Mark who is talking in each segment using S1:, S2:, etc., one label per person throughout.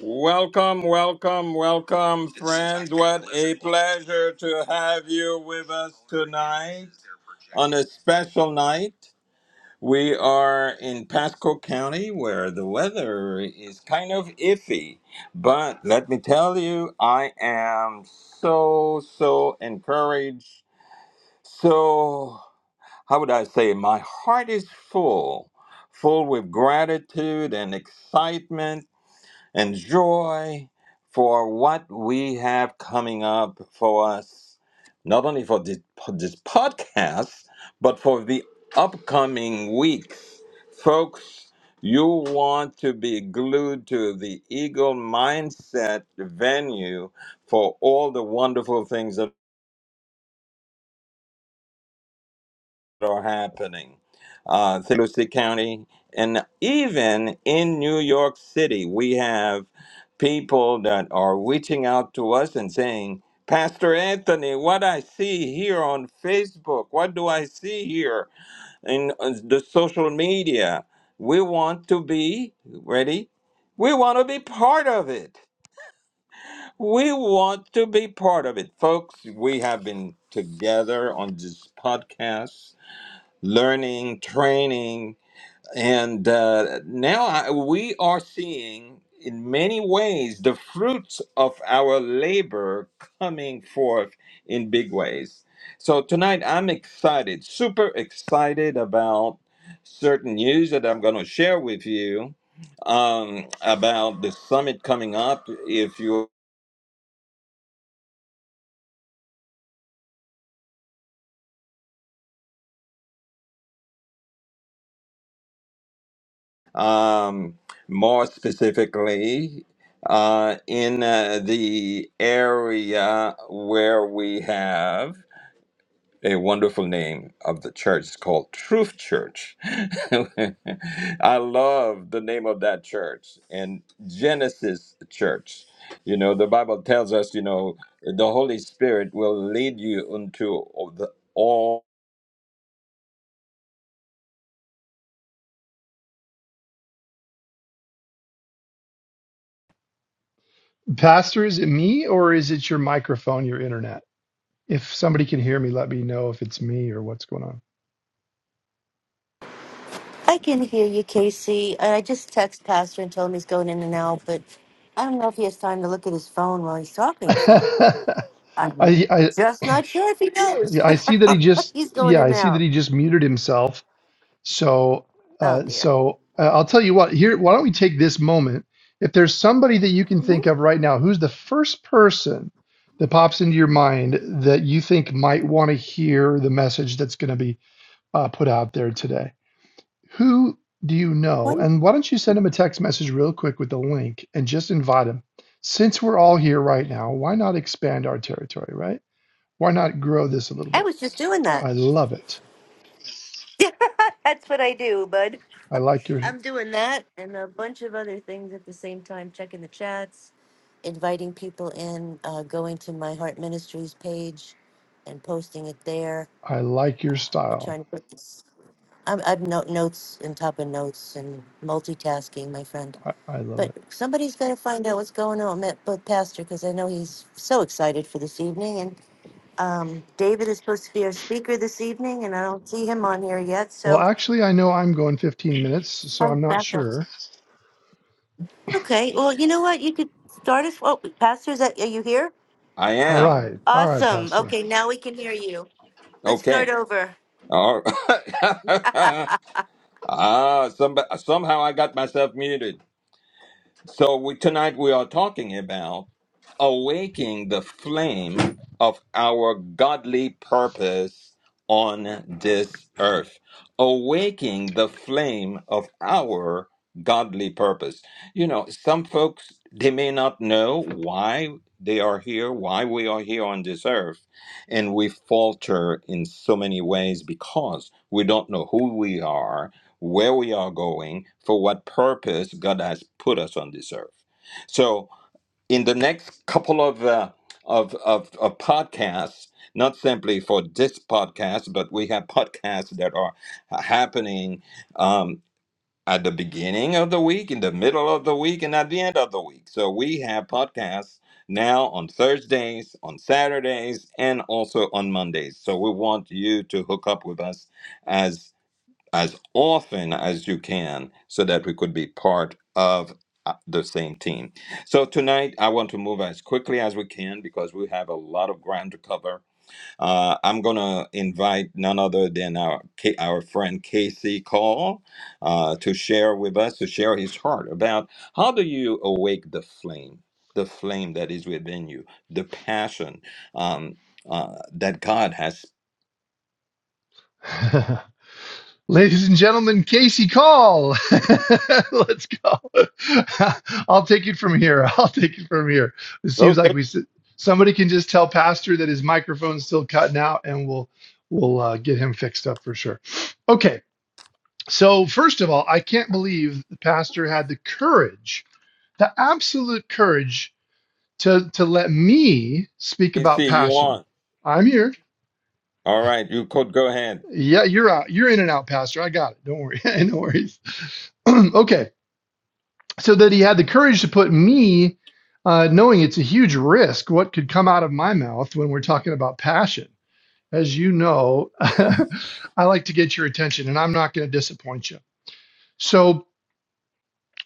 S1: Welcome, welcome, welcome, friends. What a pleasure to have you with us tonight on a special night. We are in Pasco County where the weather is kind of iffy, but let me tell you, I am so, so encouraged. So, how would I say, my heart is full, full with gratitude and excitement and joy for what we have coming up for us, not only for this, this podcast, but for the upcoming weeks. Folks, you want to be glued to the Eagle Mindset venue for all the wonderful things that. are happening. Uh, through St. County, and even in New York City, we have people that are reaching out to us and saying, Pastor Anthony, what I see here on Facebook, what do I see here in uh, the social media? We want to be ready. We want to be part of it. We want to be part of it. Folks, we have been together on this podcast learning, training, and uh, now I, we are seeing in many ways the fruits of our labor coming forth in big ways. So tonight I'm excited, super excited about certain news that I'm going to share with you um, about the summit coming up. If you um, more specifically uh, in uh, the area where we have a wonderful name of the church. It's called Truth Church. I love the name of that church and Genesis Church. You know, the Bible tells us, you know, the Holy Spirit will lead you into all the all
S2: Pastor, is it me or is it your microphone, your internet? If somebody can hear me, let me know if it's me or what's going on.
S3: I can hear you, Casey. I just text Pastor and told him he's going in and out, but I don't know if he has time to look at his phone while he's talking. So
S2: I,
S3: I'm
S2: I
S3: just not sure if he knows.
S2: yeah, I see that he just
S3: he's going
S2: yeah
S3: in and
S2: I see that
S3: out.
S2: he just muted himself. So
S3: Oh
S2: uh,
S3: dear.
S2: so uh, I'll tell you what here. Why don't we take this moment? If there's somebody that you can
S3: Mhm.
S2: think of right now, who's the first person that pops into your mind that you think might want to hear the message that's going to be uh, put out there today? Who do you know?
S3: One.
S2: And why don't you send him a text message real quick with the link and just invite him? Since we're all here right now, why not expand our territory, right? Why not grow this a little
S3: I
S2: bit?
S3: was just doing that.
S2: I love it.
S3: That's what I do, bud.
S2: I like your
S3: I'm doing that and a bunch of other things at the same time, checking the chats, inviting people in, uh, going to my Heart Ministries page and posting it there.
S2: I like your
S3: We're
S2: style.
S3: trying to put this. I'm, I'm no, notes and top of notes and multitasking, my friend.
S2: I, I love
S3: But
S2: it.
S3: somebody's got to find out what's going on with with Pastor because I know he's so excited for this evening. And um, David is supposed to be our speaker this evening, and I don't see him on here yet.
S2: Well,
S3: So
S2: actually, I know I'm going 15 minutes, so
S3: I'm
S2: I'm not
S3: back up.
S2: sure.
S3: Okay. Well, you know what? You could start us. Oh, Pastor, is that, are you here?
S1: I
S2: All
S1: am.
S2: right. All right,
S3: Awesome.
S2: Pastor.
S3: Okay, now we can hear you. Let's
S1: Okay.
S3: start over.
S1: All right. Ah, some, somehow I got myself muted. So we, tonight we are talking about awaking the flame of our godly purpose on this earth. Awaking the flame of our godly purpose. You know, some folks, they may not know why they are here, why we are here on this earth. And we falter in so many ways because we don't know who we are where we are going, for what purpose God has put us on this earth. So, in the next couple of uh, of, of of podcasts, not simply for this podcast, but we have podcasts that are happening um, at the beginning of the week, in the middle of the week, and at the end of the week. So we have podcasts now on Thursdays, on Saturdays, and also on Mondays. So we want you to hook up with us as as often as you can so that we could be part of uh, the same team. So tonight I want to move as quickly as we can because we have a lot of ground to cover. Uh, I'm going to invite none other than our K- our friend Casey Call uh, to share with us to share his heart about how do you awake the flame, the flame that is within you, the passion um, uh, that God has.
S2: Ladies and gentlemen, Casey Call. Let's go. I'll take it from here. I'll take it from here. It seems like
S4: Okay.
S2: we somebody can just tell Pastor that his microphone's still cutting out, and we'll we'll uh, get him fixed up for sure. Okay. So first of all, I can't believe the pastor had the courage, the absolute courage, to to let me speak
S1: Casey,
S2: about
S1: you
S2: passion.
S1: on?
S2: I'm here.
S1: All right, you could go ahead.
S2: Yeah, you're out. You're in and out, Pastor. I got it. Don't worry. no worries. okay. so that he had the courage to put me, uh, knowing it's a huge risk, what could come out of my mouth when we're talking about passion. As you know, I like to get your attention and I'm not going to disappoint you. So,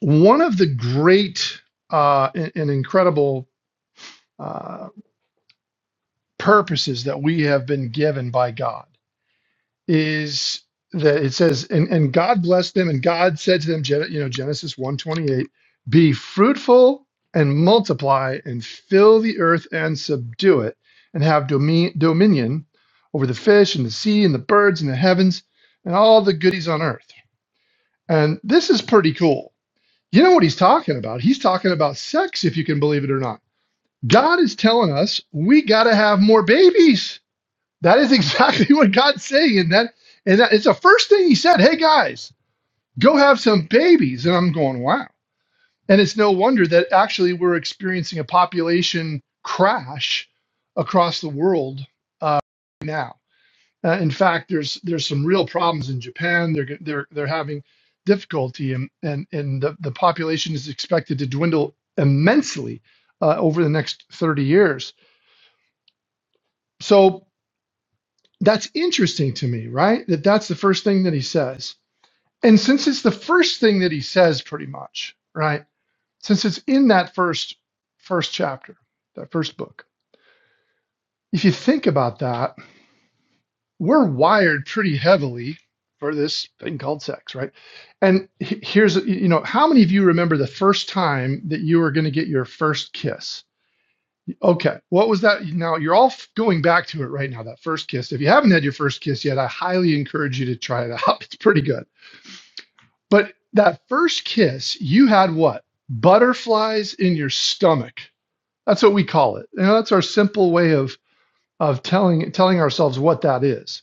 S2: one of the great uh, and, and incredible uh, purposes that we have been given by God is that it says, and, and God blessed them, and God said to them, Gen- you know, Genesis 128, be fruitful and multiply and fill the earth and subdue it, and have domi- dominion over the fish and the sea and the birds and the heavens and all the goodies on earth. And this is pretty cool. You know what he's talking about? He's talking about sex, if you can believe it or not. God is telling us we got to have more babies that is exactly what God's saying. And that and that it's the first thing he said, hey guys, go have some babies. And I'm going, wow. And it's no wonder that actually we're experiencing a population crash across the world uh, now. Uh, in fact, there's there's some real problems in Japan. They're they're they're having difficulty, and and and the, the population is expected to dwindle immensely uh, over the next 30 years. So That's interesting to me, right? That that's the first thing that he says. And since it's the first thing that he says pretty much, right? Since it's in that first first chapter, that first book. If you think about that, we're wired pretty heavily for this thing called sex, right? And he- here's you know, how many of you remember the first time that you were going to get your first kiss? Okay. What was that? Now you're all f- going back to it right now, that first kiss. If you haven't had your first kiss yet, I highly encourage you to try it out. It's pretty good. But that first kiss, you had what? Butterflies in your stomach. That's what we call it. And that's our simple way of of telling telling ourselves what that is.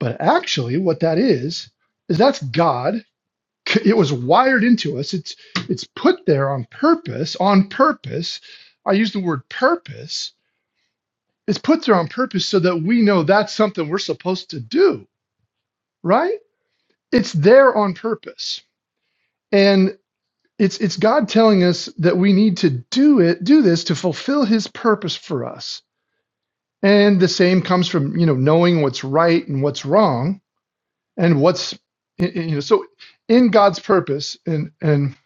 S2: But actually what that is is that's God. It was wired into us. It's it's put there on purpose, on purpose. I use the word purpose It's put there on purpose so that we know that's something we're supposed to do, right? It's there on purpose. And it's it's God telling us that we need to do it, do this to fulfill his purpose for us. And the same comes from, you know, knowing what's right and what's wrong and what's you know, so in God's purpose and and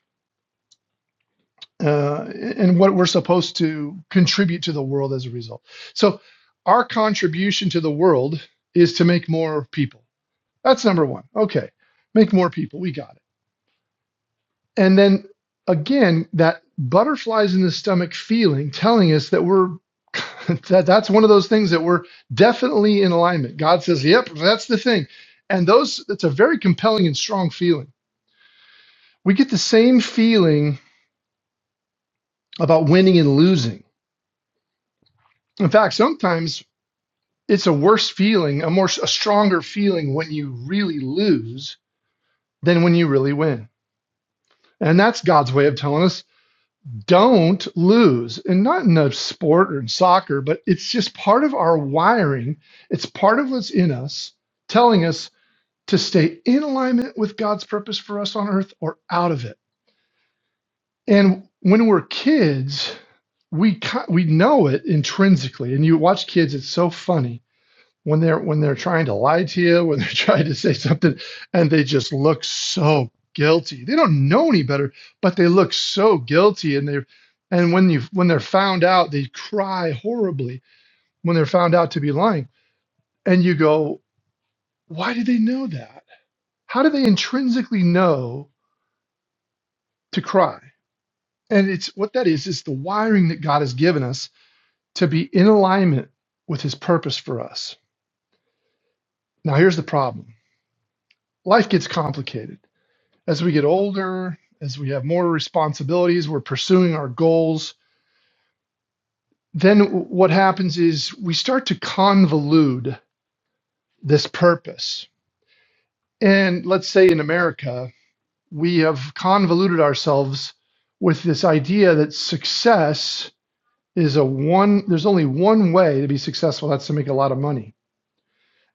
S2: uh, and what we're supposed to contribute to the world as a result. So our contribution to the world is to make more people That's number one. Okay. Make more people. We got it. And then again, that butterflies in the stomach feeling telling us that we're that that's one of those things that we're definitely in alignment. God says, "Yep, that's the thing." And those it's a very compelling and strong feeling. We get the same feeling about winning and losing. In fact, sometimes it's a worse feeling, a more a stronger feeling when you really lose than when you really win. And that's God's way of telling us don't lose and not in a sport or in soccer but it's just part of our wiring it's part of what's in us telling us to stay in alignment with god's purpose for us on earth or out of it and when we're kids we we know it intrinsically and you watch kids it's so funny when they're when they're trying to lie to you, when they're trying to say something, and they just look so guilty. They don't know any better, but they look so guilty, and they and when you when they're found out, they cry horribly when they're found out to be lying. And you go, why do they know that? How do they intrinsically know to cry? And it's what that is is the wiring that God has given us to be in alignment with His purpose for us. Now here's the problem: life gets complicated as we get older, as we have more responsibilities, we're pursuing our goals, then what happens is we start to convolute this purpose. And let's say in America, we have convoluted ourselves with this idea that success is a one there's only one way to be successful that's to make a lot of money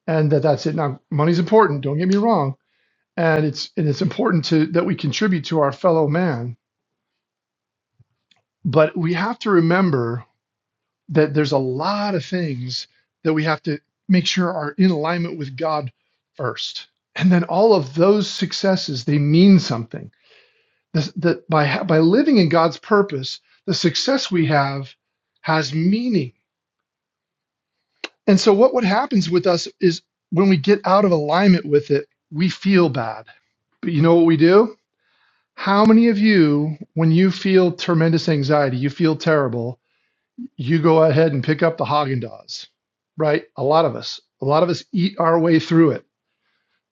S2: and that that's it now money's important don't get me wrong and it's and it's important to that we contribute to our fellow man but we have to remember that there's a lot of things that we have to make sure are in alignment with God first. And then all of those successes, they mean something. That by, by living in God's purpose, the success we have has meaning. And so what, what happens with us is when we get out of alignment with it, we feel bad. But you know what we do? How many of you, when you feel tremendous anxiety, you feel terrible, you go ahead and pick up the Haagen Dazs, right? A lot of us, a lot of us eat our way through it,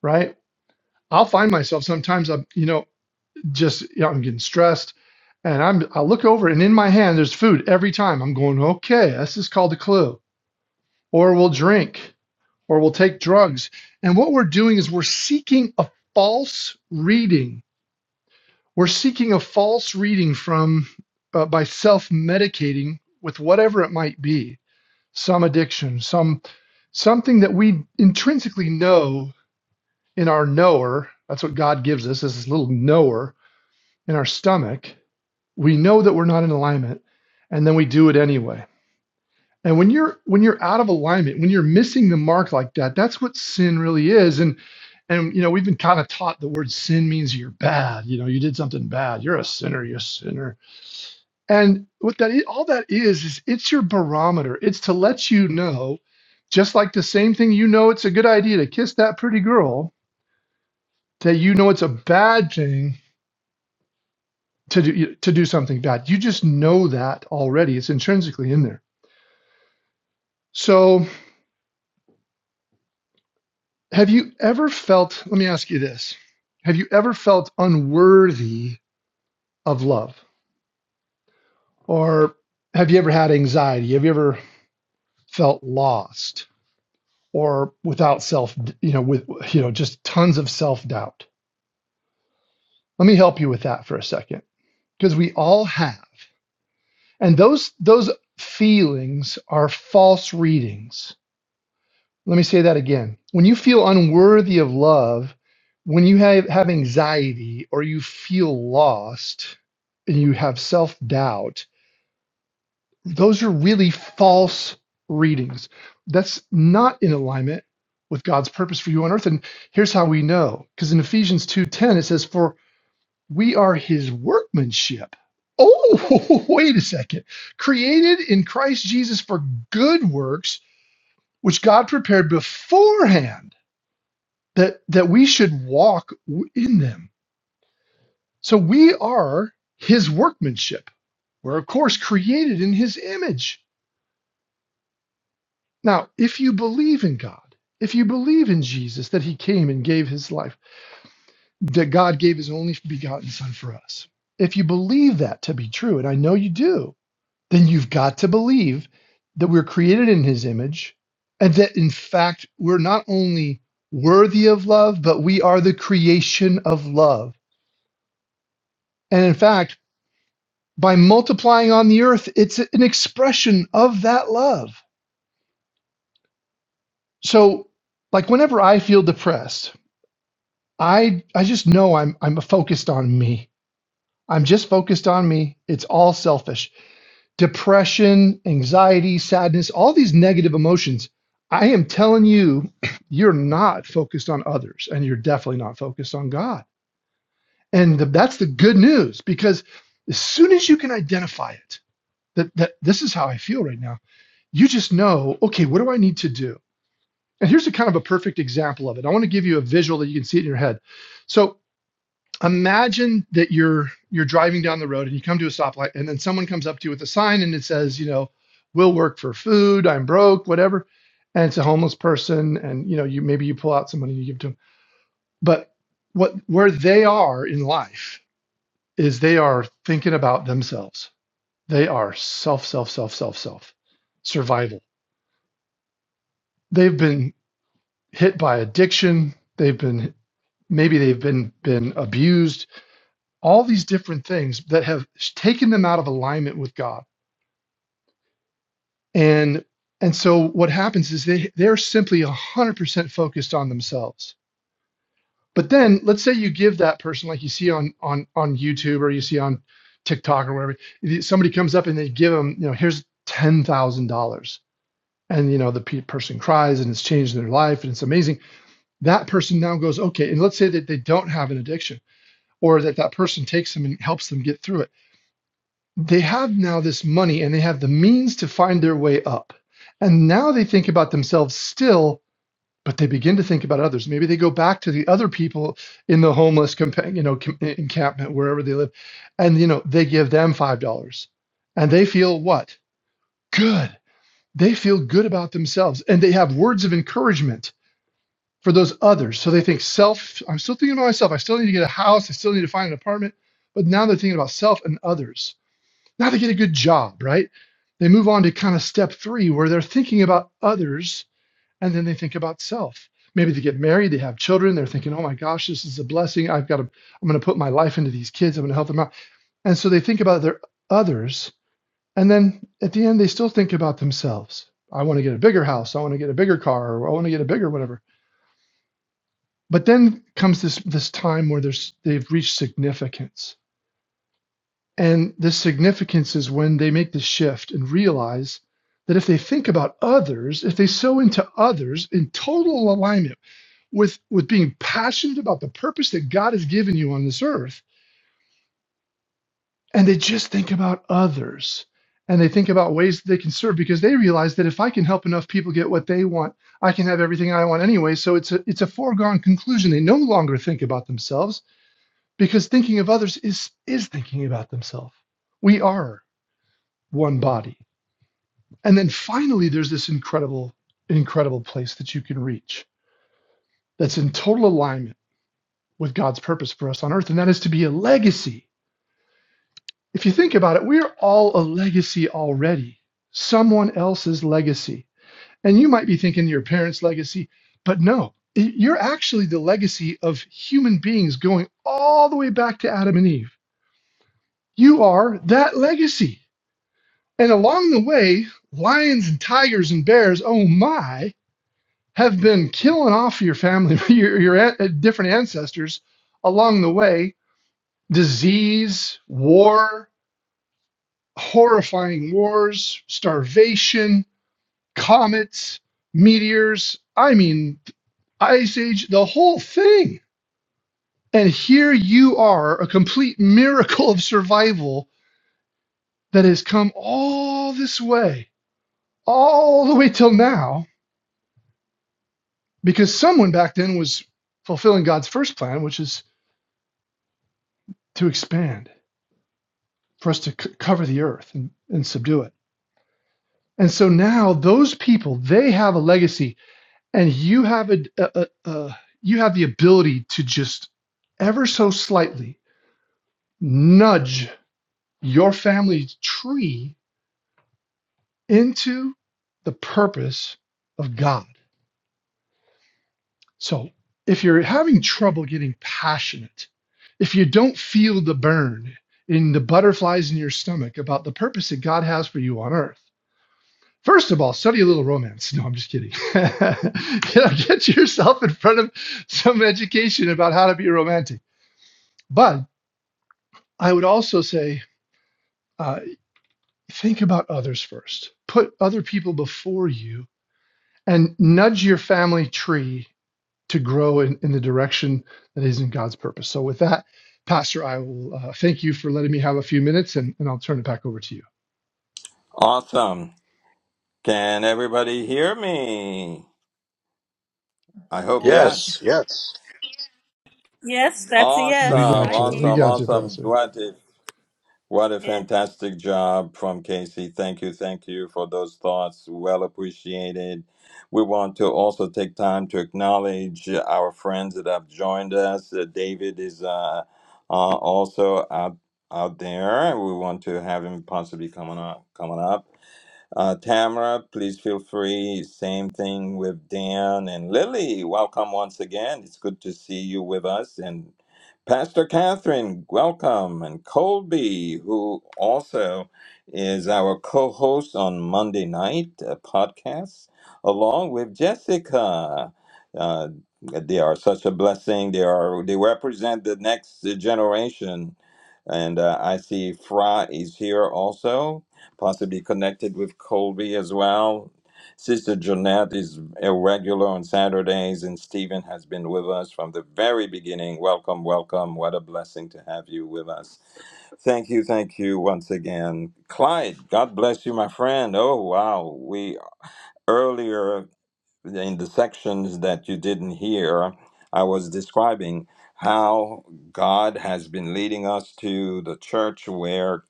S2: right? I'll find myself sometimes I'm, you know, just you know, I'm getting stressed, and I'm I look over and in my hand there's food every time. I'm going, okay, this is called a clue. Or we'll drink, or we'll take drugs, and what we're doing is we're seeking a false reading. We're seeking a false reading from uh, by self medicating with whatever it might be some addiction, some something that we intrinsically know in our knower. That's what God gives us, is this little knower in our stomach. We know that we're not in alignment, and then we do it anyway. And when you're when you're out of alignment, when you're missing the mark like that, that's what sin really is. And and you know, we've been kind of taught the word sin means you're bad. You know, you did something bad. You're a sinner. You're a sinner and what that is, all that is is it's your barometer. It's to let you know, just like the same thing you know it's a good idea to kiss that pretty girl, that you know it's a bad thing to do to do something bad. You just know that already. It's intrinsically in there. So, have you ever felt, let me ask you this. Have you ever felt unworthy of love? Or have you ever had anxiety? Have you ever felt lost? or without self, you know, with, you know, just tons of self doubt. Let me help you with that for a second because we all have. And those, those feelings are false readings. Let me say that again. When you feel unworthy of love, when you have, have anxiety or you feel lost and you have self doubt, Those are really false readings. That's not in alignment with God's purpose for you on earth. And here's how we know. Because in Ephesians 2:10 it says, For we are his workmanship. Oh, wait a second. Created in Christ Jesus for good works, which God prepared beforehand that, that we should walk w- in them. So we are his workmanship. We're, of course, created in his image Now, if you believe in God, if you believe in Jesus, that he came and gave his life, that God gave his only begotten son for us, if you believe that to be true, and I know you do, then you've got to believe that we're created in his image and that in fact we're not only worthy of love, but we are the creation of love. And in fact, by multiplying on the earth, it's an expression of that love. So, like, whenever I feel depressed, I I just know I'm I'm focused on me. I'm just focused on me. It's all selfish. Depression, anxiety, sadness, all these negative emotions. I am telling you, you're not focused on others and you're definitely not focused on God. And the, that's the good news because as soon as you can identify it, that, that this is how I feel right now, you just know, okay, what do I need to do? And here's a kind of a perfect example of it. I want to give you a visual that you can see it in your head. So imagine that you're you're driving down the road and you come to a stoplight and then someone comes up to you with a sign and it says you know we'll work for food i'm broke whatever and it's a homeless person and you know you maybe you pull out some money and you give it to them but what where they are in life is they are thinking about themselves they are self self self self self survival they've been hit by addiction they've been maybe they've been been abused all these different things that have taken them out of alignment with God. And and so what happens is they they're simply 100% focused on themselves. But then let's say you give that person like you see on on on YouTube or you see on TikTok or wherever somebody comes up and they give them, you know, here's $10,000 and you know the pe- person cries and it's changed their life and it's amazing. That person now goes, okay, and let's say that they don't have an addiction or that that person takes them and helps them get through it they have now this money and they have the means to find their way up. And now they think about themselves still, but they begin to think about others. Maybe they go back to the other people in the homeless compa- you know com- encampment wherever they live, and you know they give them five dollars, and they feel what good. They feel good about themselves, and they have words of encouragement for those others. So they think self. I'm still thinking about myself. I still need to get a house. I still need to find an apartment. But now they're thinking about self and others now they get a good job, right? They move on to kind of step three where they're thinking about others and then they think about self. Maybe they get married, they have children, they're thinking, oh my gosh, this is a blessing. I've got to, I'm going to put my life into these kids, I'm going to help them out. And so they think about their others. And then at the end, they still think about themselves. I want to get a bigger house. I want to get a bigger car, or I want to get a bigger whatever. But then comes this this time where there's they've reached significance And the significance is when they make the shift and realize that if they think about others, if they sow into others in total alignment with, with being passionate about the purpose that God has given you on this earth, and they just think about others and they think about ways that they can serve because they realize that if I can help enough people get what they want, I can have everything I want anyway. So it's a it's a foregone conclusion. They no longer think about themselves because thinking of others is is thinking about themselves. We are one body And then finally, there's this incredible, incredible place that you can reach that's in total alignment with God's purpose for us on earth, and that is to be a legacy. If you think about it, we're all a legacy already, someone else's legacy. And you might be thinking your parents' legacy, but no, y- you're actually the legacy of human beings going all the way back to Adam and Eve. You are that legacy. And along the way, lions and tigers and bears, oh my, have been killing off your family, your, your an- uh, different ancestors along the way. Disease, war, horrifying wars, starvation, comets, meteors. I mean, Ice Age, the whole thing. And here you are, a complete miracle of survival that has come all this way, all the way till now, because someone back then was fulfilling God's first plan, which is to expand for us to c- cover the earth and, and subdue it. And so now those people, they have a legacy, and you have a, a, a, a you have the ability to just ever so slightly nudge your family's tree into the purpose of God. So if you're having trouble getting passionate, if you don't feel the burn in the butterflies in your stomach about the purpose that God has for you on earth First of all, study a little romance. No, I'm just kidding. you know, get yourself in front of some education about how to be romantic. But I would also say, uh, think about others first. Put other people before you and nudge your family tree to grow in, in the direction that is in God's purpose. So, with that, Pastor, I will uh, thank you for letting me have a few minutes and, and I'll turn it back over to you.
S1: Awesome. Can everybody hear me? I hope
S4: Yes. Yes.
S1: yes.
S4: Yes.
S5: Yes, that's a
S2: We
S5: yes.
S1: Awesome,
S6: Yeah,
S2: got
S5: I
S2: you. We
S1: awesome,
S5: can.
S2: got you,
S1: awesome.
S2: Pastor.
S1: What a, what a
S5: Yeah.
S1: fantastic job from Casey. Thank you, thank you for those thoughts. Well appreciated. We want to also take time to acknowledge our friends that have joined us. Uh, David is uh, uh, also out, out there. We want to have him possibly coming up coming up. Uh, Tamara, please feel free. Same thing with Dan and Lily. Welcome once again. It's good to see you with us. And Pastor Catherine, welcome. And Colby, who also is our co host on Monday night uh, podcast, along with Jessica. Uh, they are such a blessing. They are they represent the next generation, and uh, I see Fra is here also possibly connected with Colby as well. Sister Jeanette is a regular on Saturdays, and Stephen has been with us from the very beginning. Welcome, welcome. What a blessing to have you with us. Thank you, thank you once again. Clyde, God bless you, my friend. Oh, wow. We earlier in the sections that you didn't hear, I was describing how God has been leading us to the church where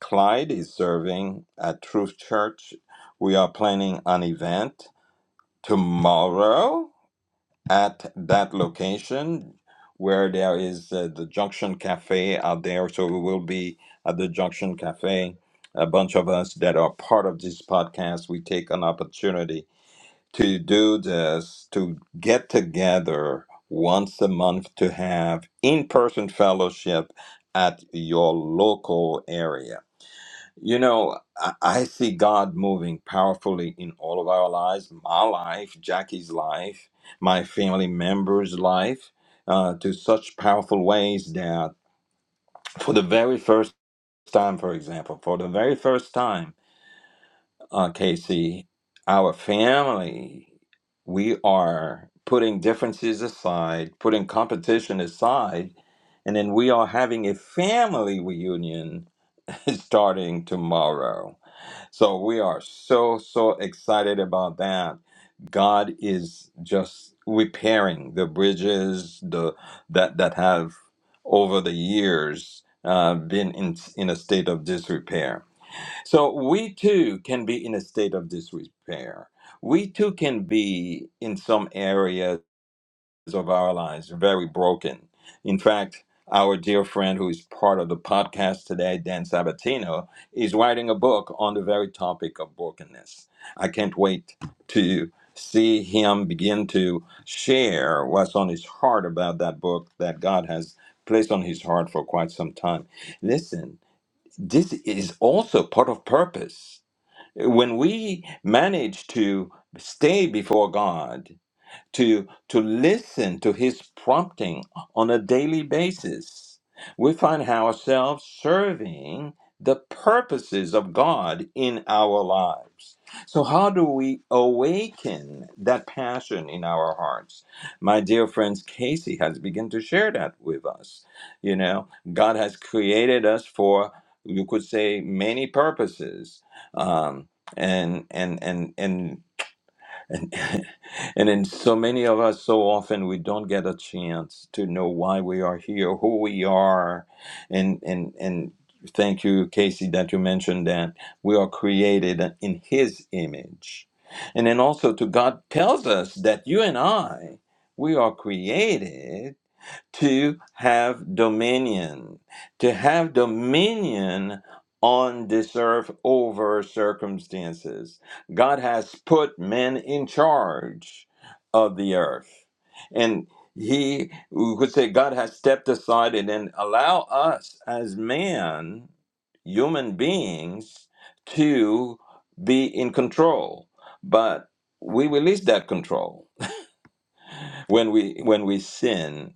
S1: Clyde is serving at Truth Church. We are planning an event tomorrow at that location where there is uh, the Junction Cafe out there. So we will be at the Junction Cafe. A bunch of us that are part of this podcast, we take an opportunity to do this, to get together once a month to have in person fellowship at your local area. You know, I, I see God moving powerfully in all of our lives my life, Jackie's life, my family members' life, uh, to such powerful ways that for the very first time, for example, for the very first time, uh, Casey, our family, we are putting differences aside, putting competition aside, and then we are having a family reunion starting tomorrow. So we are so, so excited about that. God is just repairing the bridges the that that have over the years uh, been in in a state of disrepair. So we too can be in a state of disrepair. We too can be in some areas of our lives very broken. In fact, our dear friend who is part of the podcast today, Dan Sabatino, is writing a book on the very topic of brokenness. I can't wait to see him begin to share what's on his heart about that book that God has placed on his heart for quite some time. Listen, this is also part of purpose when we manage to stay before God, to to listen to his prompting on a daily basis we find ourselves serving the purposes of god in our lives so how do we awaken that passion in our hearts my dear friends casey has begun to share that with us you know god has created us for you could say many purposes um, and and and and and, and in so many of us, so often we don't get a chance to know why we are here, who we are, and and and thank you, Casey, that you mentioned that we are created in His image, and then also to God tells us that you and I, we are created to have dominion, to have dominion on this earth over circumstances. God has put men in charge of the earth. And he we could say God has stepped aside and then allow us as man, human beings, to be in control. But we release that control when we when we sin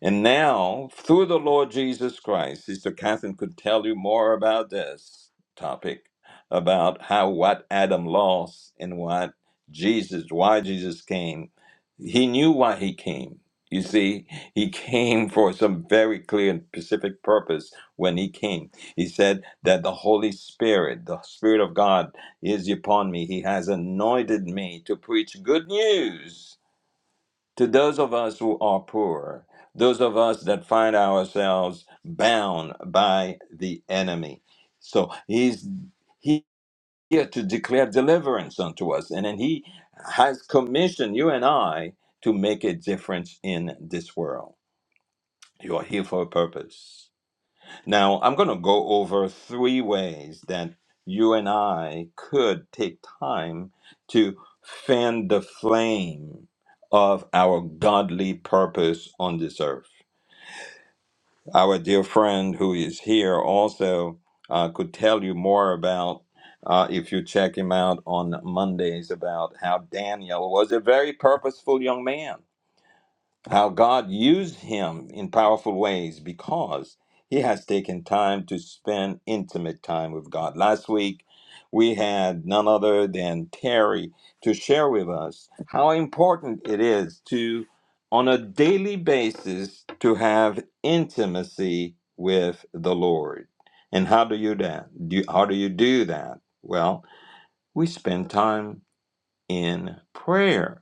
S1: and now, through the Lord Jesus Christ, Sister Catherine could tell you more about this topic about how what Adam lost and what Jesus, why Jesus came. He knew why he came. You see, he came for some very clear and specific purpose when he came. He said that the Holy Spirit, the Spirit of God, is upon me. He has anointed me to preach good news to those of us who are poor, those of us that find ourselves bound by the enemy. So he's he- here to declare deliverance unto us, and then he has commissioned you and I to make a difference in this world. You are here for a purpose. Now, I'm going to go over three ways that you and I could take time to fan the flame of our godly purpose on this earth. Our dear friend who is here also uh, could tell you more about. Uh, if you check him out on Mondays, about how Daniel was a very purposeful young man how God used him in powerful ways because he has taken time to spend intimate time with God. Last week, we had none other than Terry to share with us how important it is to, on a daily basis, to have intimacy with the Lord. And how do you that? Do how do you do that? Well, we spend time in prayer.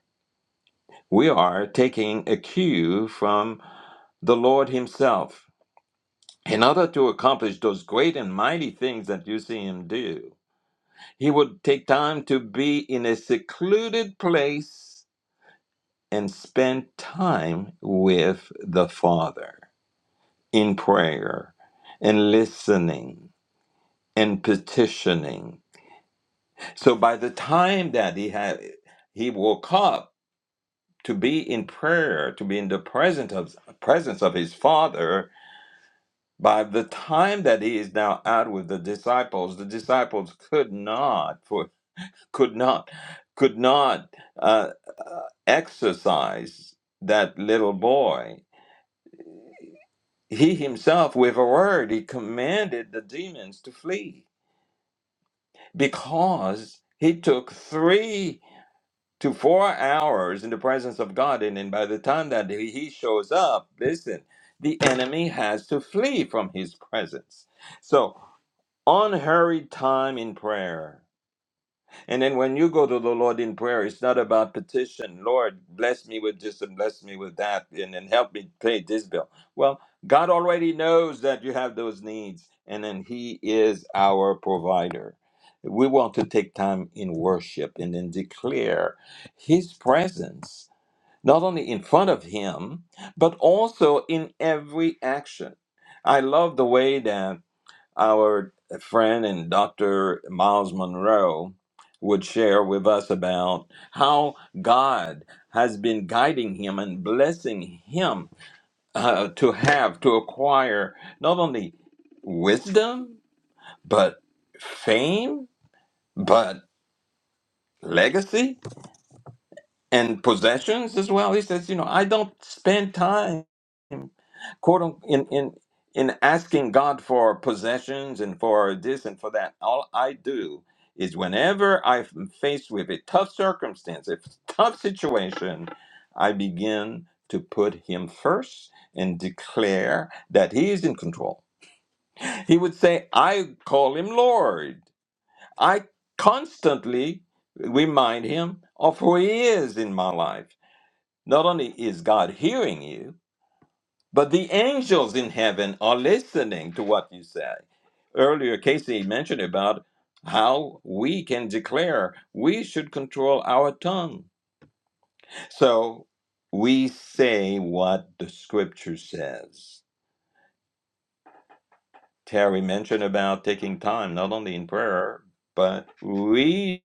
S1: We are taking a cue from the Lord Himself. In order to accomplish those great and mighty things that you see Him do, He would take time to be in a secluded place and spend time with the Father in prayer and listening and petitioning. So by the time that He had He woke up to be in prayer, to be in the presence of presence of His Father, By the time that he is now out with the disciples, the disciples could not for could not could not uh, exercise that little boy. He himself, with a word, he commanded the demons to flee because he took three to four hours in the presence of God, and then by the time that he he shows up, listen, the enemy has to flee from his presence. So unhurried time in prayer. And then when you go to the Lord in prayer, it's not about petition. Lord, bless me with this and bless me with that, and then help me pay this bill. Well, God already knows that you have those needs, and then He is our provider. We want to take time in worship and then declare His presence, not only in front of Him, but also in every action. I love the way that our friend and Dr. Miles Monroe would share with us about how God has been guiding him and blessing him uh, to have, to acquire not only wisdom, but fame, but legacy and possessions as well. He says, You know, I don't spend time. quote unquote, in in in asking God for possessions and for this and for that, all I do is whenever I'm faced with a tough circumstance, a tough situation, I begin to put Him first and declare that He is in control. He would say, "I call Him Lord." I constantly remind Him of who He is in my life. Not only is God hearing you, but the angels in heaven are listening to what you say. Earlier, Casey mentioned about how we can declare we should control our tongue. So we say what the scripture says. Terry mentioned about taking time, not only in prayer, but reading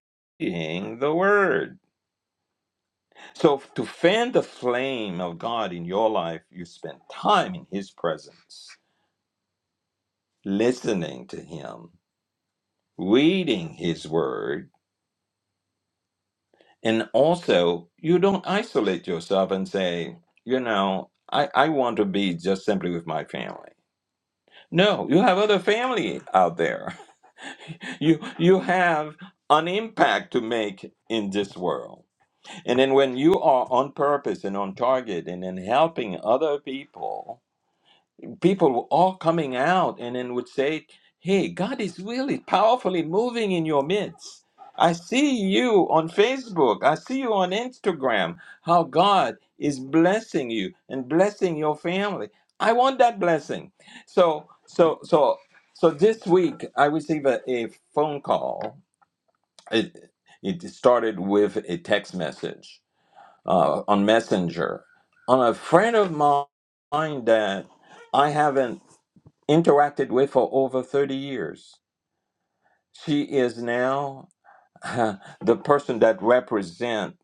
S1: the word. So to fan the flame of God in your life, you spend time in his presence, listening to him reading his word and also you don't isolate yourself and say you know i, I want to be just simply with my family no you have other family out there you you have an impact to make in this world and then when you are on purpose and on target and then helping other people people were all coming out and then would say, Hey, God is really powerfully moving in your midst. I see you on Facebook. I see you on Instagram. How God is blessing you and blessing your family. I want that blessing. So, so, so, so this week I received a, a phone call. It, it started with a text message uh, on Messenger on a friend of mine that I haven't interacted with for over 30 years. She is now uh, the person that represent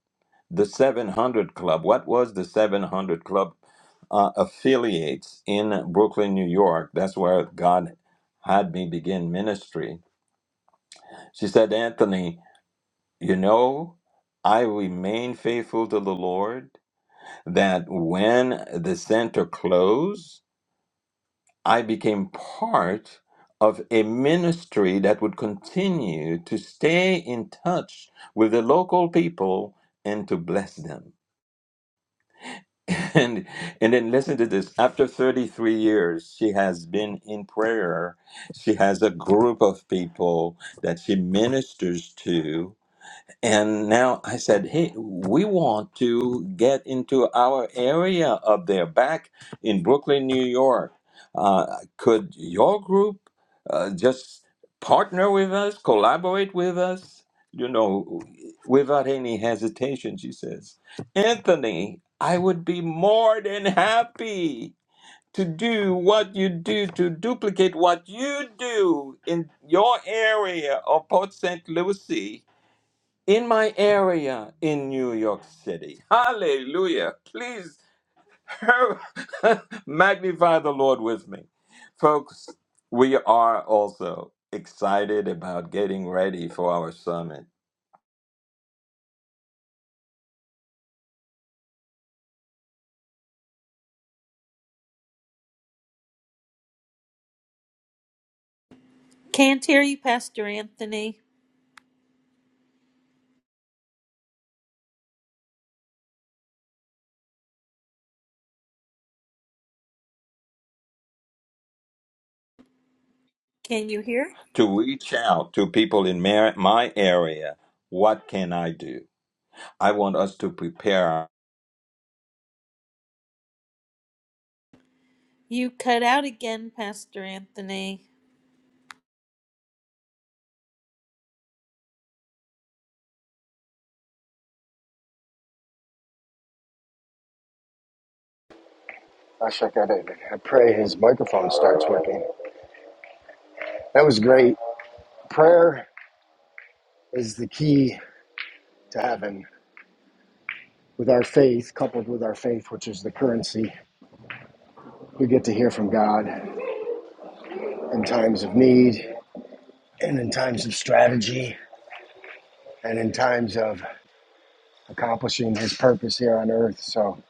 S1: the 700 Club. What was the 700 Club uh, affiliates in Brooklyn, New York? That's where God had me begin ministry. She said, Anthony, you know, I remain faithful to the Lord that when the center closed, I became part of a ministry that would continue to stay in touch with the local people and to bless them. And and then listen to this. After 33 years, she has been in prayer. She has a group of people that she ministers to and now I said, hey, we want to get into our area up there, back in Brooklyn, New York. Uh, could your group uh, just partner with us, collaborate with us? You know, without any hesitation, she says, Anthony, I would be more than happy to do what you do, to duplicate what you do in your area of Port St. Lucie in my area in New York City. Hallelujah. Please magnify the Lord with me. Folks, we are also excited about getting ready for our summit
S5: Can't hear you, Pastor Anthony. Can you hear?
S1: to reach out to people in my my area. What can I do? I want us to prepare
S5: You cut out again, Pastor Anthony.
S7: I shook at it. I pray his microphone starts working. That was great. Prayer is the key to heaven. With our faith, coupled with our faith, which is the currency, we get to hear from God in times of need and in times of strategy and in times of accomplishing his purpose here on earth. So,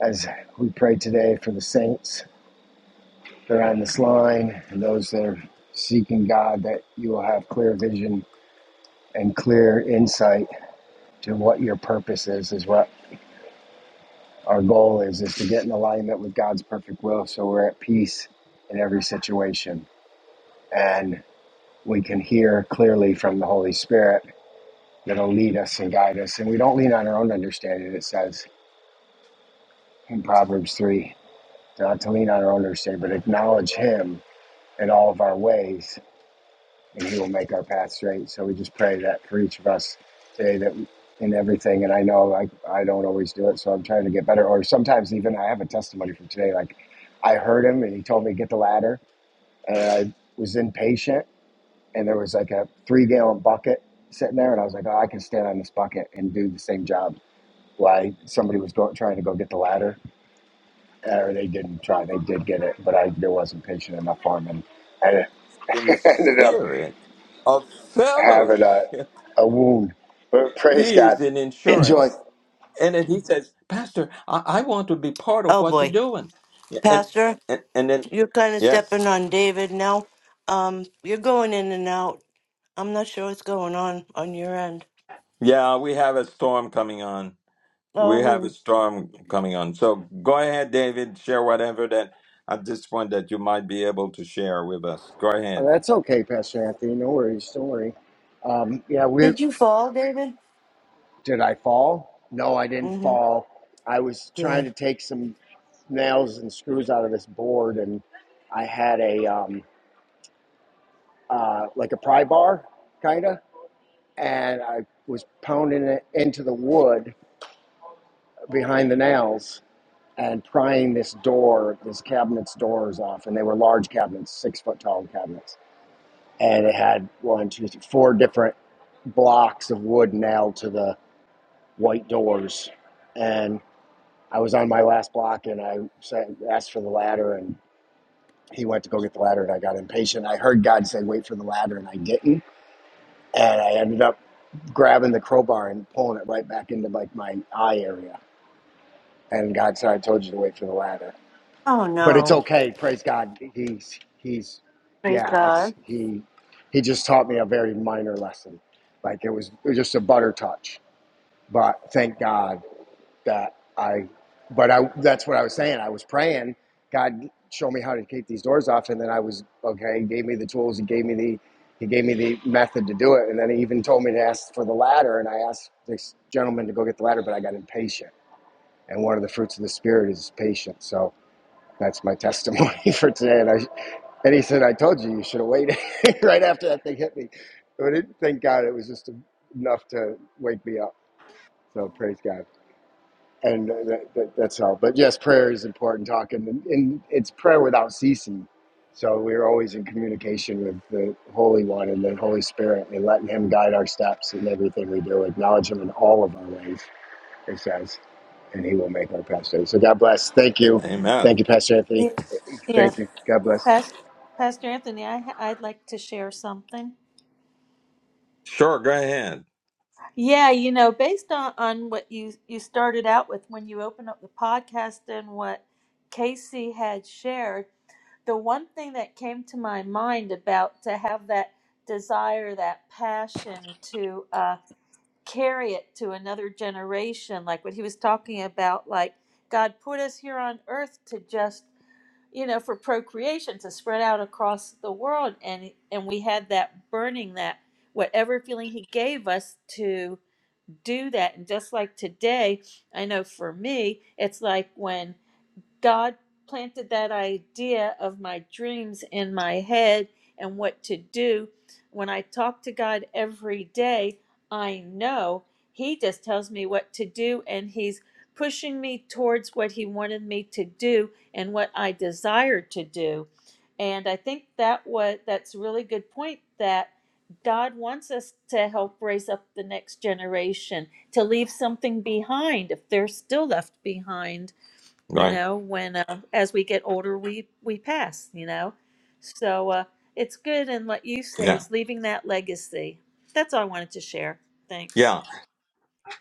S7: as we pray today for the saints that are on this line and those that are seeking God, that you will have clear vision and clear insight to what your purpose is as well Our goal is is to get in alignment with God's perfect will, so we're at peace in every situation, and we can hear clearly from the Holy Spirit that'll lead us and guide us. And we don't lean on our own understanding. It says in Proverbs three, not to lean on our own understanding, but acknowledge Him in all of our ways, and He will make our path straight. So we just pray that for each of us today that we, in everything. And I know I I don't always do it, so I'm trying to get better. Or sometimes even I have a testimony from today. Like I heard Him and He told me to get the ladder, and I was impatient, and there was like a three gallon bucket sitting there, and I was like, oh, I can stand on this bucket and do the same job. Why somebody was go, trying to go get the ladder, or they didn't try. They did get it, but I there wasn't patient enough for Him, and
S1: in the
S7: I ended up
S1: spirit of
S7: having a,
S1: fellowship.
S7: a wound. But praise
S1: He is
S7: God.
S1: an
S7: Enjoy.
S1: insurance. And then he says, Pastor, I, I want to be part of
S3: Oh
S1: what you're
S3: boy,
S1: doing. Yeah, And,
S3: Pastor,
S1: and and then
S3: you're kind of stepping
S1: yes.
S3: on David now. Um, you're going in and out. I'm not sure what's going on on your end.
S1: Yeah, we have a storm coming on. We have a
S3: Oh,
S1: storm coming on. So go ahead, David, share whatever that at this point that you might be able to share with us. Go
S7: Oh,
S1: ahead.
S7: that's okay, Pastor Anthony. No worries. Don't worry. Um, yeah, we
S3: did you fall, David?
S7: did I fall? No, I didn't
S3: Mm-hmm.
S7: fall. I was trying to
S3: Good.
S7: take some nails and screws out of this board, and I had a um, uh, like a pry bar, kinda, and I was pounding it into the wood behind the nails and prying this door, this cabinet's doors off, and they were large cabinets, six foot tall cabinets and it had one, two, three, four different blocks of wood nailed to the white doors. And I was on my last block, and I asked for the ladder, and he went to go get the ladder, and I got impatient. I heard God say, "Wait for the ladder," and I didn't. And I ended up grabbing the crowbar and pulling it right back into like my eye area. And God said, "I told you to wait for the ladder."
S3: Oh,
S7: but it's
S3: no.
S7: okay. Praise God. He's he's
S3: Praise
S7: yeah. It's
S3: God.
S7: he he just taught me a very minor lesson. Like it was, it was just a butter touch. But thank God that I. But I that's what I was saying. I was praying. God show me how to kick these doors off, and then I was okay. He gave me the tools. He gave me the he gave me the method to do it, and then he even told me to ask for the ladder. And I asked this gentleman to go get the ladder, but I got impatient. And one of the fruits of the spirit is patience. So that's my testimony for today. And, I, and he said, I told you, you should have waited right after that thing hit me. But it, thank God it was just enough to wake me up. So praise God. And that, that, that's all. But yes, prayer is important talking. And, and it's prayer without ceasing. So we're always in communication with the Holy One and the Holy Spirit and letting Him guide our steps in everything we do, acknowledge Him in all of our ways it says, and he will make our path straight. So God bless. Thank you.
S1: Amen.
S7: Thank you, Pastor
S5: Yeah.
S7: Anthony.
S5: yeah.
S7: Thank you. God bless.
S5: Pastor, Pastor Anthony, I, I'd like to share something.
S1: Sure, go ahead.
S5: Yeah, you know, based on, on what you, you started out with when you opened up the podcast and what Casey had shared, the one thing that came to my mind about to have that desire, that passion to, uh, carry it to another generation like what he was talking about like god put us here on earth to just you know for procreation to spread out across the world and and we had that burning that whatever feeling he gave us to do that and just like today i know for me it's like when God planted that idea of my dreams in my head and what to do. When I talk to God every day, I know He just tells me what to do and He's pushing me towards what He wanted me to do and what I desire to do. And I think that what that's a really good point that God wants us to help raise up the next generation, to leave something behind if they're still left behind you
S1: Right.
S5: know when uh, as we get older we we pass you know so uh it's good and what you say
S1: Yeah.
S5: is leaving that legacy that's all i wanted to share thanks
S1: Yeah.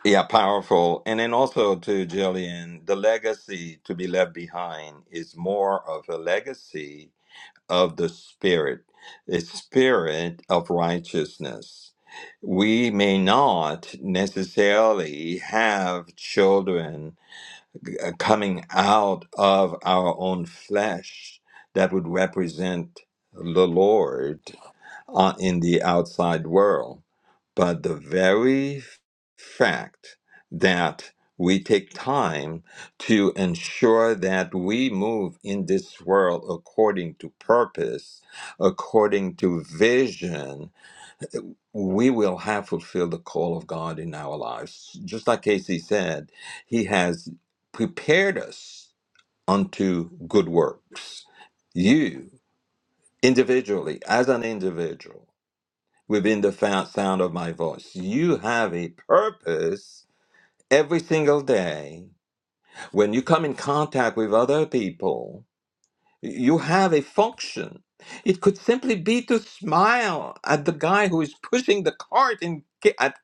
S1: Yeah, powerful. And then also to Jillian, the legacy to be left behind is more of a legacy of the Spirit, the Spirit of righteousness. We may not necessarily have children uh, coming out of our own flesh that would represent the Lord, uh, in the outside world. But the very fact that we take time to ensure that we move in this world according to purpose, according to vision, we will have fulfilled the call of God in our lives. Just like Casey said, He has prepared us unto good works. You individually, as an individual within the fa- sound of my voice. You have a purpose every single day. When you come in contact with other people, you have a function. It could simply be to smile at the guy who is pushing the cart in, at,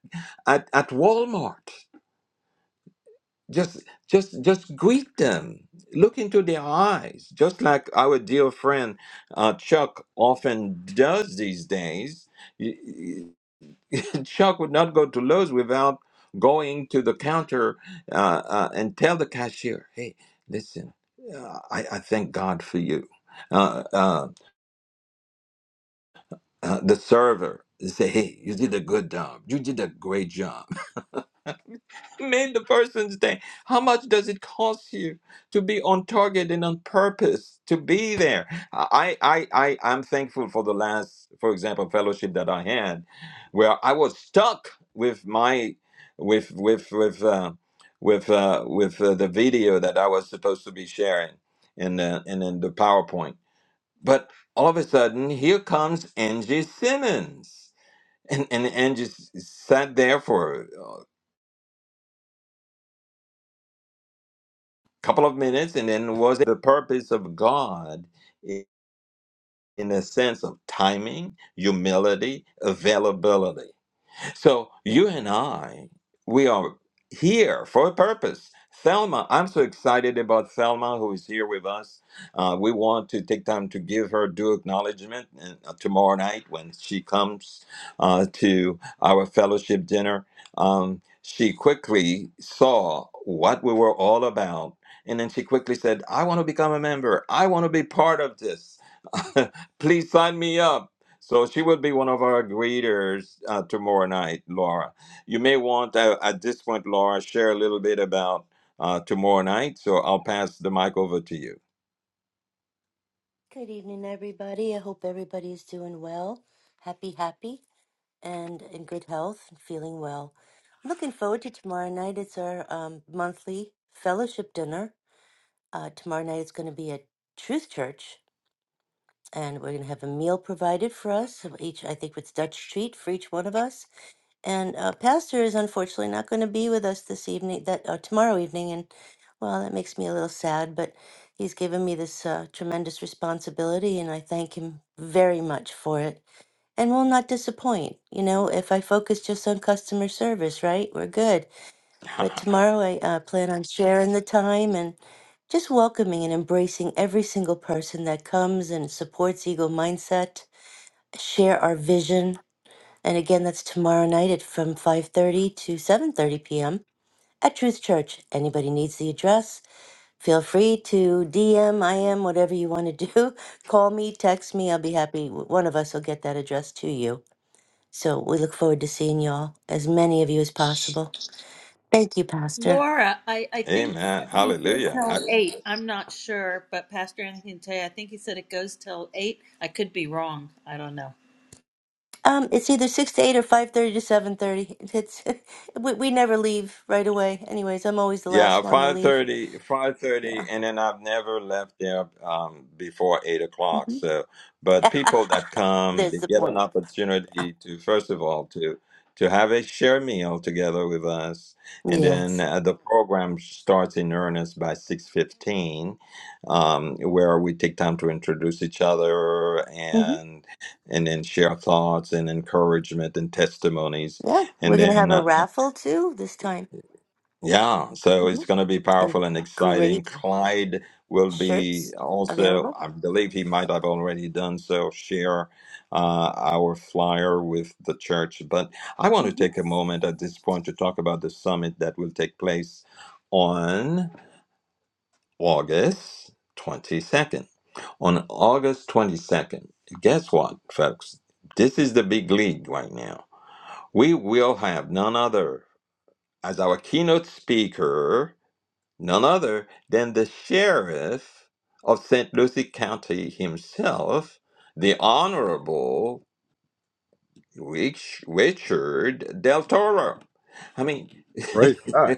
S1: at, at Walmart. Just, just, just greet them. Look into their eyes, just like our dear friend uh, Chuck often does these days Shock would not go to Lowe's without going to the counter uh, uh, and tell the cashier, hey, listen, uh, I, I thank God for you. Uh, uh, uh, the server say, hey, you did a good job. You did a great job mean the person's day. How much does it cost you to be on target and on purpose to be there? I I I I'm thankful for the last, for example, fellowship that I had, where I was stuck with my with with with uh, with uh, with uh, the video that I was supposed to be sharing and uh, and in the PowerPoint, but all of a sudden here comes Angie Simmons and and Angie s- sat there for couple of minutes and then was the purpose of god i- in a sense of timing humility availability so you and I, we are here for a purpose. Thelma, I'm so excited about Thelma, who is here with us. Uh, we want to take time to give her due acknowledgement and, uh, tomorrow night when she comes uh, to our fellowship dinner. Um, she quickly saw what we were all about, and then she quickly said, I want to become a member. I want to be part of this. Please sign me up. So she will be one of our greeters uh, tomorrow night, Laura. You may want, uh, at this point, Laura, share a little bit about uh, tomorrow night. So I'll pass the mic over to you.
S3: Good evening, everybody. I hope everybody is doing well, happy, happy, and in good health and feeling well. Looking forward to tomorrow night. It's our um, monthly fellowship dinner. Uh, tomorrow night it's going to be at Truth Church, and we're going to have a meal provided for us. Of Each, I think it's Dutch treat for each one of us and uh, pastor is unfortunately not going to be with us this evening that uh, tomorrow evening and well that makes me a little sad but he's given me this uh, tremendous responsibility and i thank him very much for it and will not disappoint you know if i focus just on customer service right we're good but tomorrow i uh, plan on sharing the time and just welcoming and embracing every single person that comes and supports eagle mindset share our vision and again, that's tomorrow night at from 5:30 to 7:30 p.m. at Truth Church. Anybody needs the address, feel free to DM, IM, whatever you want to do. Call me, text me. I'll be happy. One of us will get that address to you. So we look forward to seeing y'all, as many of you as possible. Thank you, Pastor.
S5: laura i i think
S1: Amen.
S5: he said
S1: Hallelujah.
S5: till eight i'm not sure but pastor anthony can tell you i think he said it goes till eight i could be wrong i don't know
S3: Um, it's either six to eight or five thirty to seven thirty. It's we, we never leave right away. Anyways, I'm always the
S1: Yeah,
S3: last one to
S1: five
S3: leave.
S1: thirty, five
S3: Yeah,
S1: thirty, and then I've never left there um, before eight o'clock.
S3: Mhm.
S1: So, but people that come, they
S3: there's the
S1: get an
S3: point.
S1: opportunity to first of all to to have a share meal together with us, and then
S3: Yes.
S1: uh, the program starts in earnest by six fifteen, um, where we take time to introduce each other and and then share thoughts and encouragement and testimonies,
S3: Yeah, we're
S1: and
S3: gonna
S1: then
S3: have a
S1: uh,
S3: raffle too this time,
S1: yeah, so
S3: hmm
S1: it's going to be
S3: and
S1: powerful and exciting.
S3: great
S1: Clyde will be
S3: shirts
S1: also,
S3: available.
S1: I believe he might have already done so, share uh, our flyer with the church. But I want to
S3: hmm
S1: take a moment at this point to talk about the summit that will take place on August 22nd. On August 22nd, guess what, folks? This is the big league right now. We will have none other as our keynote speaker none other than the sheriff of St. Lucie County himself, the Honorable Rich- Richard Del Toro. I mean,
S4: Praise God.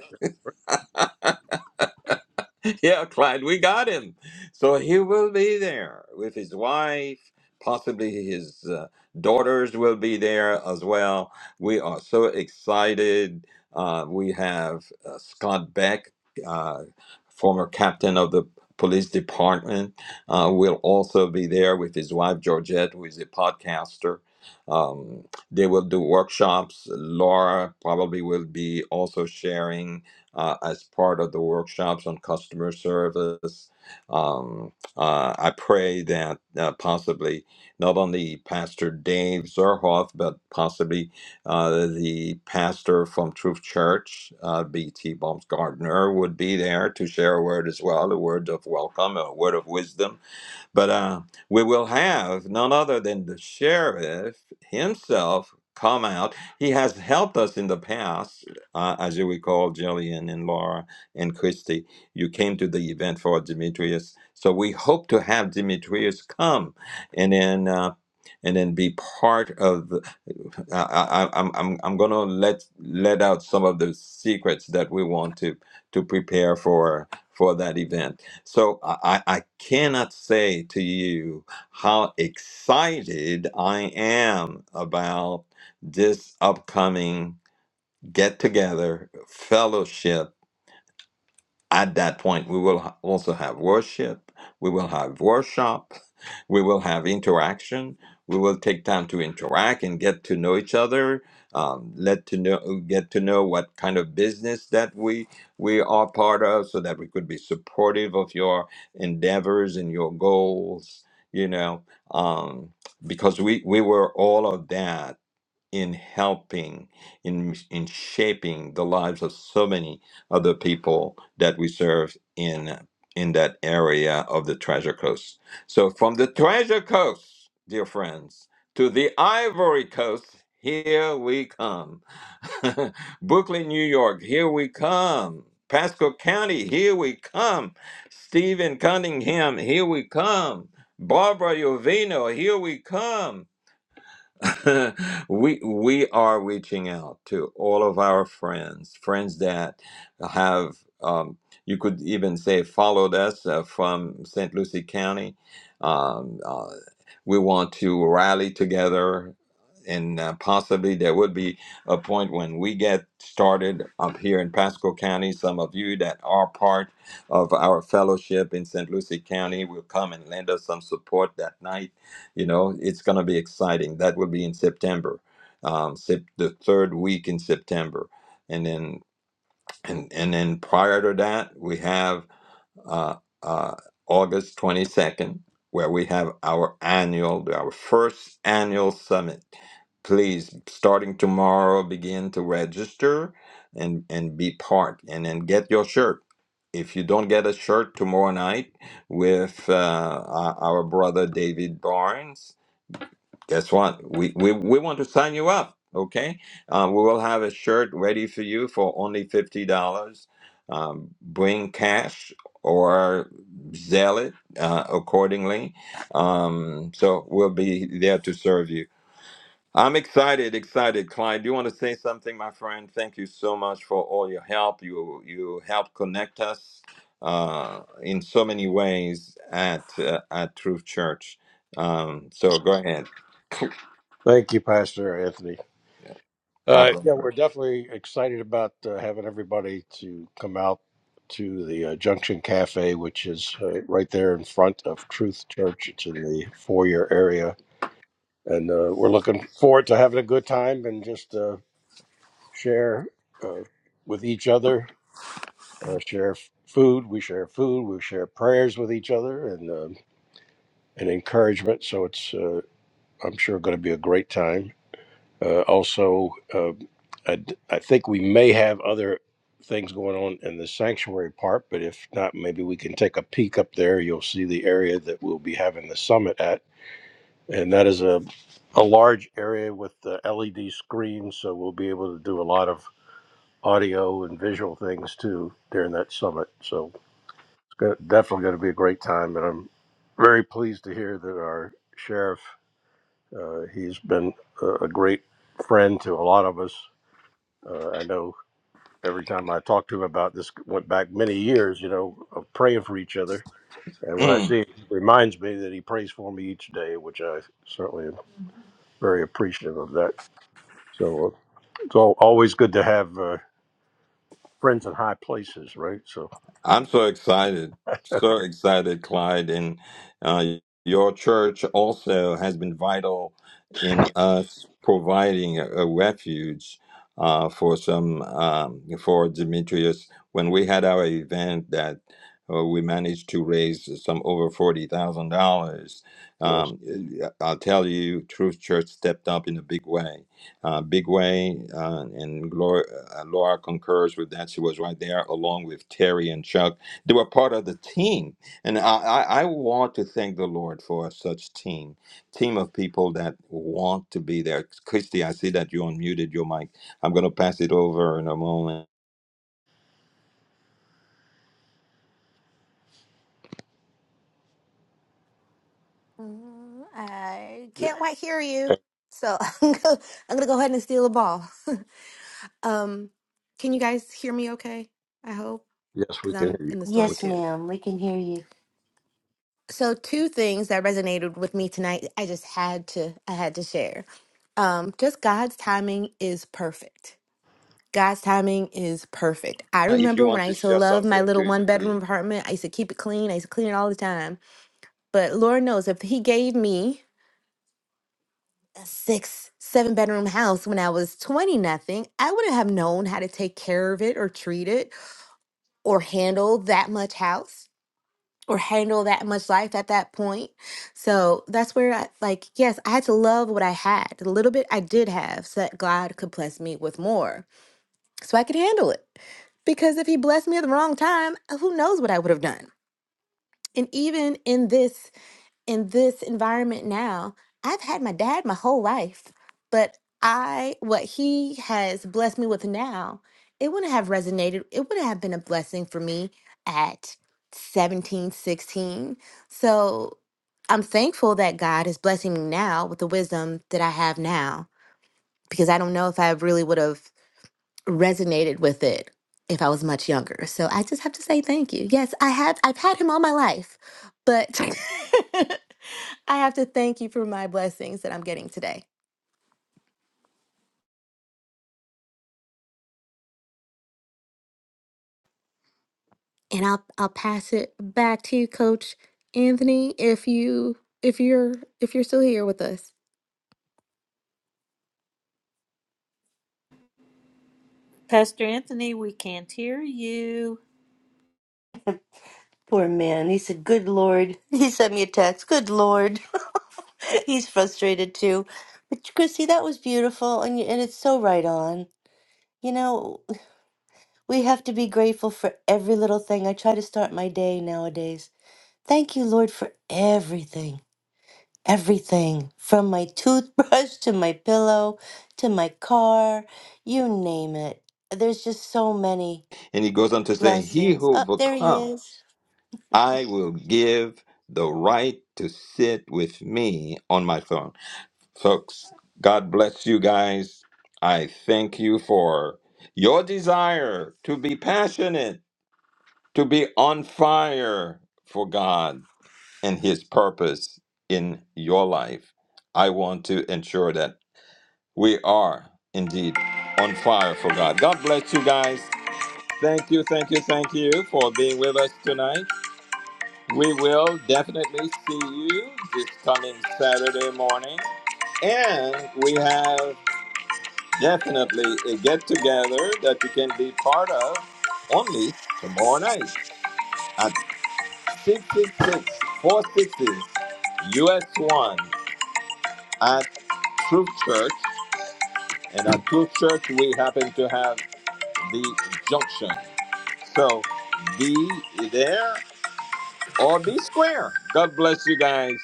S1: yeah, Clyde, we got him. So he will be there with his wife. Possibly his uh, daughters will be there as well. We are so excited. Uh, we have uh, Scott Beck, uh, former captain of the police department, uh, will also be there with his wife Georgette, who is a podcaster. Um, they will do workshops. Laura probably will be also sharing uh, as part of the workshops on customer service. Um, uh, I pray that uh, possibly not only Pastor Dave Zerhoff, but possibly uh, the pastor from Truth Church, uh, B.T. Baumgartner, would be there to share a word as well, a word of welcome, a word of wisdom but uh, we will have none other than the sheriff himself come out. He has helped us in the past, uh, as you recall, Jillian and Laura and Christy. You came to the event for Demetrius, so we hope to have Demetrius come and then. Uh, and then be part of the, I, I, I- I'm, I'm, I'm going to let let out some of the secrets that we want to to prepare for for that event so I, I cannot say to you how excited I am about this upcoming get together fellowship at that point, we will ha- also have worship, we will have workshop, we will have interaction, we will take time to interact and get to know each other, um, let to know, get to know what kind of business that we we are part of, so that we could be supportive of your endeavors and your goals. You know, um, because we we were all of that in helping in in shaping the lives of so many other people that we serve in in that area of the treasure coast so from the treasure coast dear friends to the ivory coast here we come brooklyn new york here we come pasco county here we come stephen cunningham here we come barbara Jovino, here we come we we are reaching out to all of our friends, friends that have um, you could even say followed us uh, from St. Lucie County. Um, uh, we want to rally together, and uh, possibly there would be a point when we get started up here in Pasco County. Some of you that are part of our fellowship in St. Lucie County will come and lend us some support that night you know, it's going to be exciting. That will be in September, um, sep- the third week in September, and then and and then prior to that we have uh, uh, August twenty second, where we have our annual, our first annual summit please starting tomorrow begin to register and and be part and then get your shirt if you don't get a shirt tomorrow night with uh, our our brother david barnes guess what? We, we, we want to sign you up, okay? Um, we will have a shirt ready for you for only $50. Um, bring cash or sell it uh, accordingly. Um, so we'll be there to serve you. I'm excited, excited. Clyde, do you want to say something, my friend? Thank you so much for all your help. You you helped connect us uh, in so many ways at uh, at Truth Church. Um, so go ahead.
S4: Thank you, Pastor Anthony.
S1: Yeah, my
S4: Uh, yeah,
S1: pleasure.
S4: we're definitely excited about uh, having everybody to come out to the uh, Junction Cafe, which is uh, right there in front of Truth Church. It's in the foyer area. And uh, we're looking forward to having a good time and just uh, share uh, with each other, uh, share food. We share food. We share prayers with each other and, um and encouragement. So it's, uh, I'm sure, going to be a great time Uh, also, uh, I, d- I think we may have other things going on in the sanctuary part, but if not, maybe we can take a peek up there. You'll see the area that we'll be having the summit at, and that is a a large area with the LED screens, so we'll be able to do a lot of audio and visual things too during that summit. So it's go- definitely going to be a great time, and I'm very pleased to hear that our sheriff, uh, he's been a, a great friend to a lot of us uh, I know every time I talk to him about this, went back many years, you know, of praying for each other. And when I
S1: Mm,
S4: see it, it reminds me that he prays for me each day, which I certainly am very appreciative of that. So uh, it's al always good to have uh, friends in high places, right? So,
S1: I'm so excited, so excited, Clyde, and uh, your church also has been vital in us providing a, a refuge uh, for some um, for Demetrius. When we had our event, that uh, we managed to raise some over forty thousand dollars.
S4: yes.
S1: Um, I'll tell you, Truth Church stepped up in a big way uh, big way, uh, and Laura, uh, Laura concurs with that. She was right there along with Terry and Chuck. They were part of the team, and I, I, I want to thank the Lord for such team, team of people that want to be there. Christy, I see that you unmuted your mic. I'm going to pass it over in a moment.
S8: Mm, I
S4: Y-
S8: can't quite hear you, so I'm gonna, I'm gonna go ahead and steal the ball. um, can you guys hear me okay? I hope,
S4: Yes, we
S8: because
S4: can
S8: I'm
S4: hear you.
S8: in the storm
S4: We-
S3: Yes,
S8: too.
S3: ma'am, we can hear you.
S8: So two things that resonated with me tonight, I just had to, I had to share. Um, just God's timing is perfect. God's timing is perfect. I
S1: If you
S8: remember when
S1: want
S8: I
S1: to
S8: used to
S1: share
S8: love my
S1: something,
S8: little
S1: to
S8: one
S1: please.
S8: bedroom apartment. I used to keep it clean. I used to clean it all the time. But Lord knows if He gave me a six, seven bedroom house when I was 20 nothing, I wouldn't have known how to take care of it or treat it or handle that much house or handle that much life at that point. So that's where I like, yes, I had to love what I had. The little bit I did have so that God could bless me with more so I could handle it. Because if he blessed me at the wrong time, who knows what I would have done. And even in this in this environment now. I've had my dad my whole life, but I, what he has blessed me with now, it wouldn't have resonated. It wouldn't have been a blessing for me at 17, 16. So I'm thankful that God is blessing me now with the wisdom that I have now because I don't know if I really would have resonated with it if I was much younger. So I just have to say thank you. Yes, I have I've had him all my life, but I have to thank you for my blessings that I'm getting today. And I'll I'll pass it back to you, Coach Anthony, if you if you're if you're still here with us.
S5: pastor anthony we can't hear you
S3: Poor man, he said, "Good Lord." He sent me a text. Good Lord, he's frustrated too. But Chrissy, that was beautiful, and y- and it's so right on. You know, we have to be grateful for every little thing. I try to start my day nowadays. Thank you, Lord, for everything. everything from my toothbrush to my pillow to my car, you name it. There's just so many
S1: And he goes on to say, "He
S3: blessings.
S1: who
S3: Oh, there he
S1: overcome,
S3: is.
S1: I will give the right to sit with me on my throne." Folks, God bless you guys. I thank you for your desire to be passionate, to be on fire for God and His purpose in your life. I want to ensure that we are indeed on fire for God. God bless you guys. Thank you, thank you, thank you for being with us tonight. We will definitely see you this coming Saturday morning. And we have definitely a get together that you can be part of only tomorrow night at 666 US 1 at Truth Church. And at Truth Church, we happen to have the junction. So be there or be square. God bless you guys.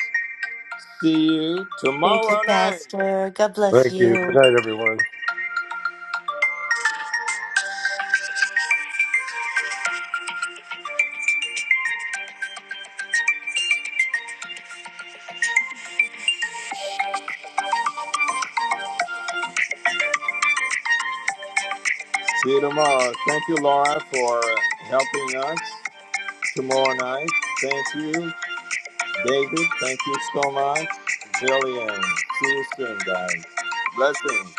S1: See you
S3: Thank you,
S1: tomorrow night.
S3: Pastor. God bless
S4: Thank you.
S3: you.
S4: Good night, everyone.
S1: See you tomorrow. Thank you, Laura, for helping us tomorrow night. Thank you. David, thank you so much. Jillian, see you soon, guys. Blessings.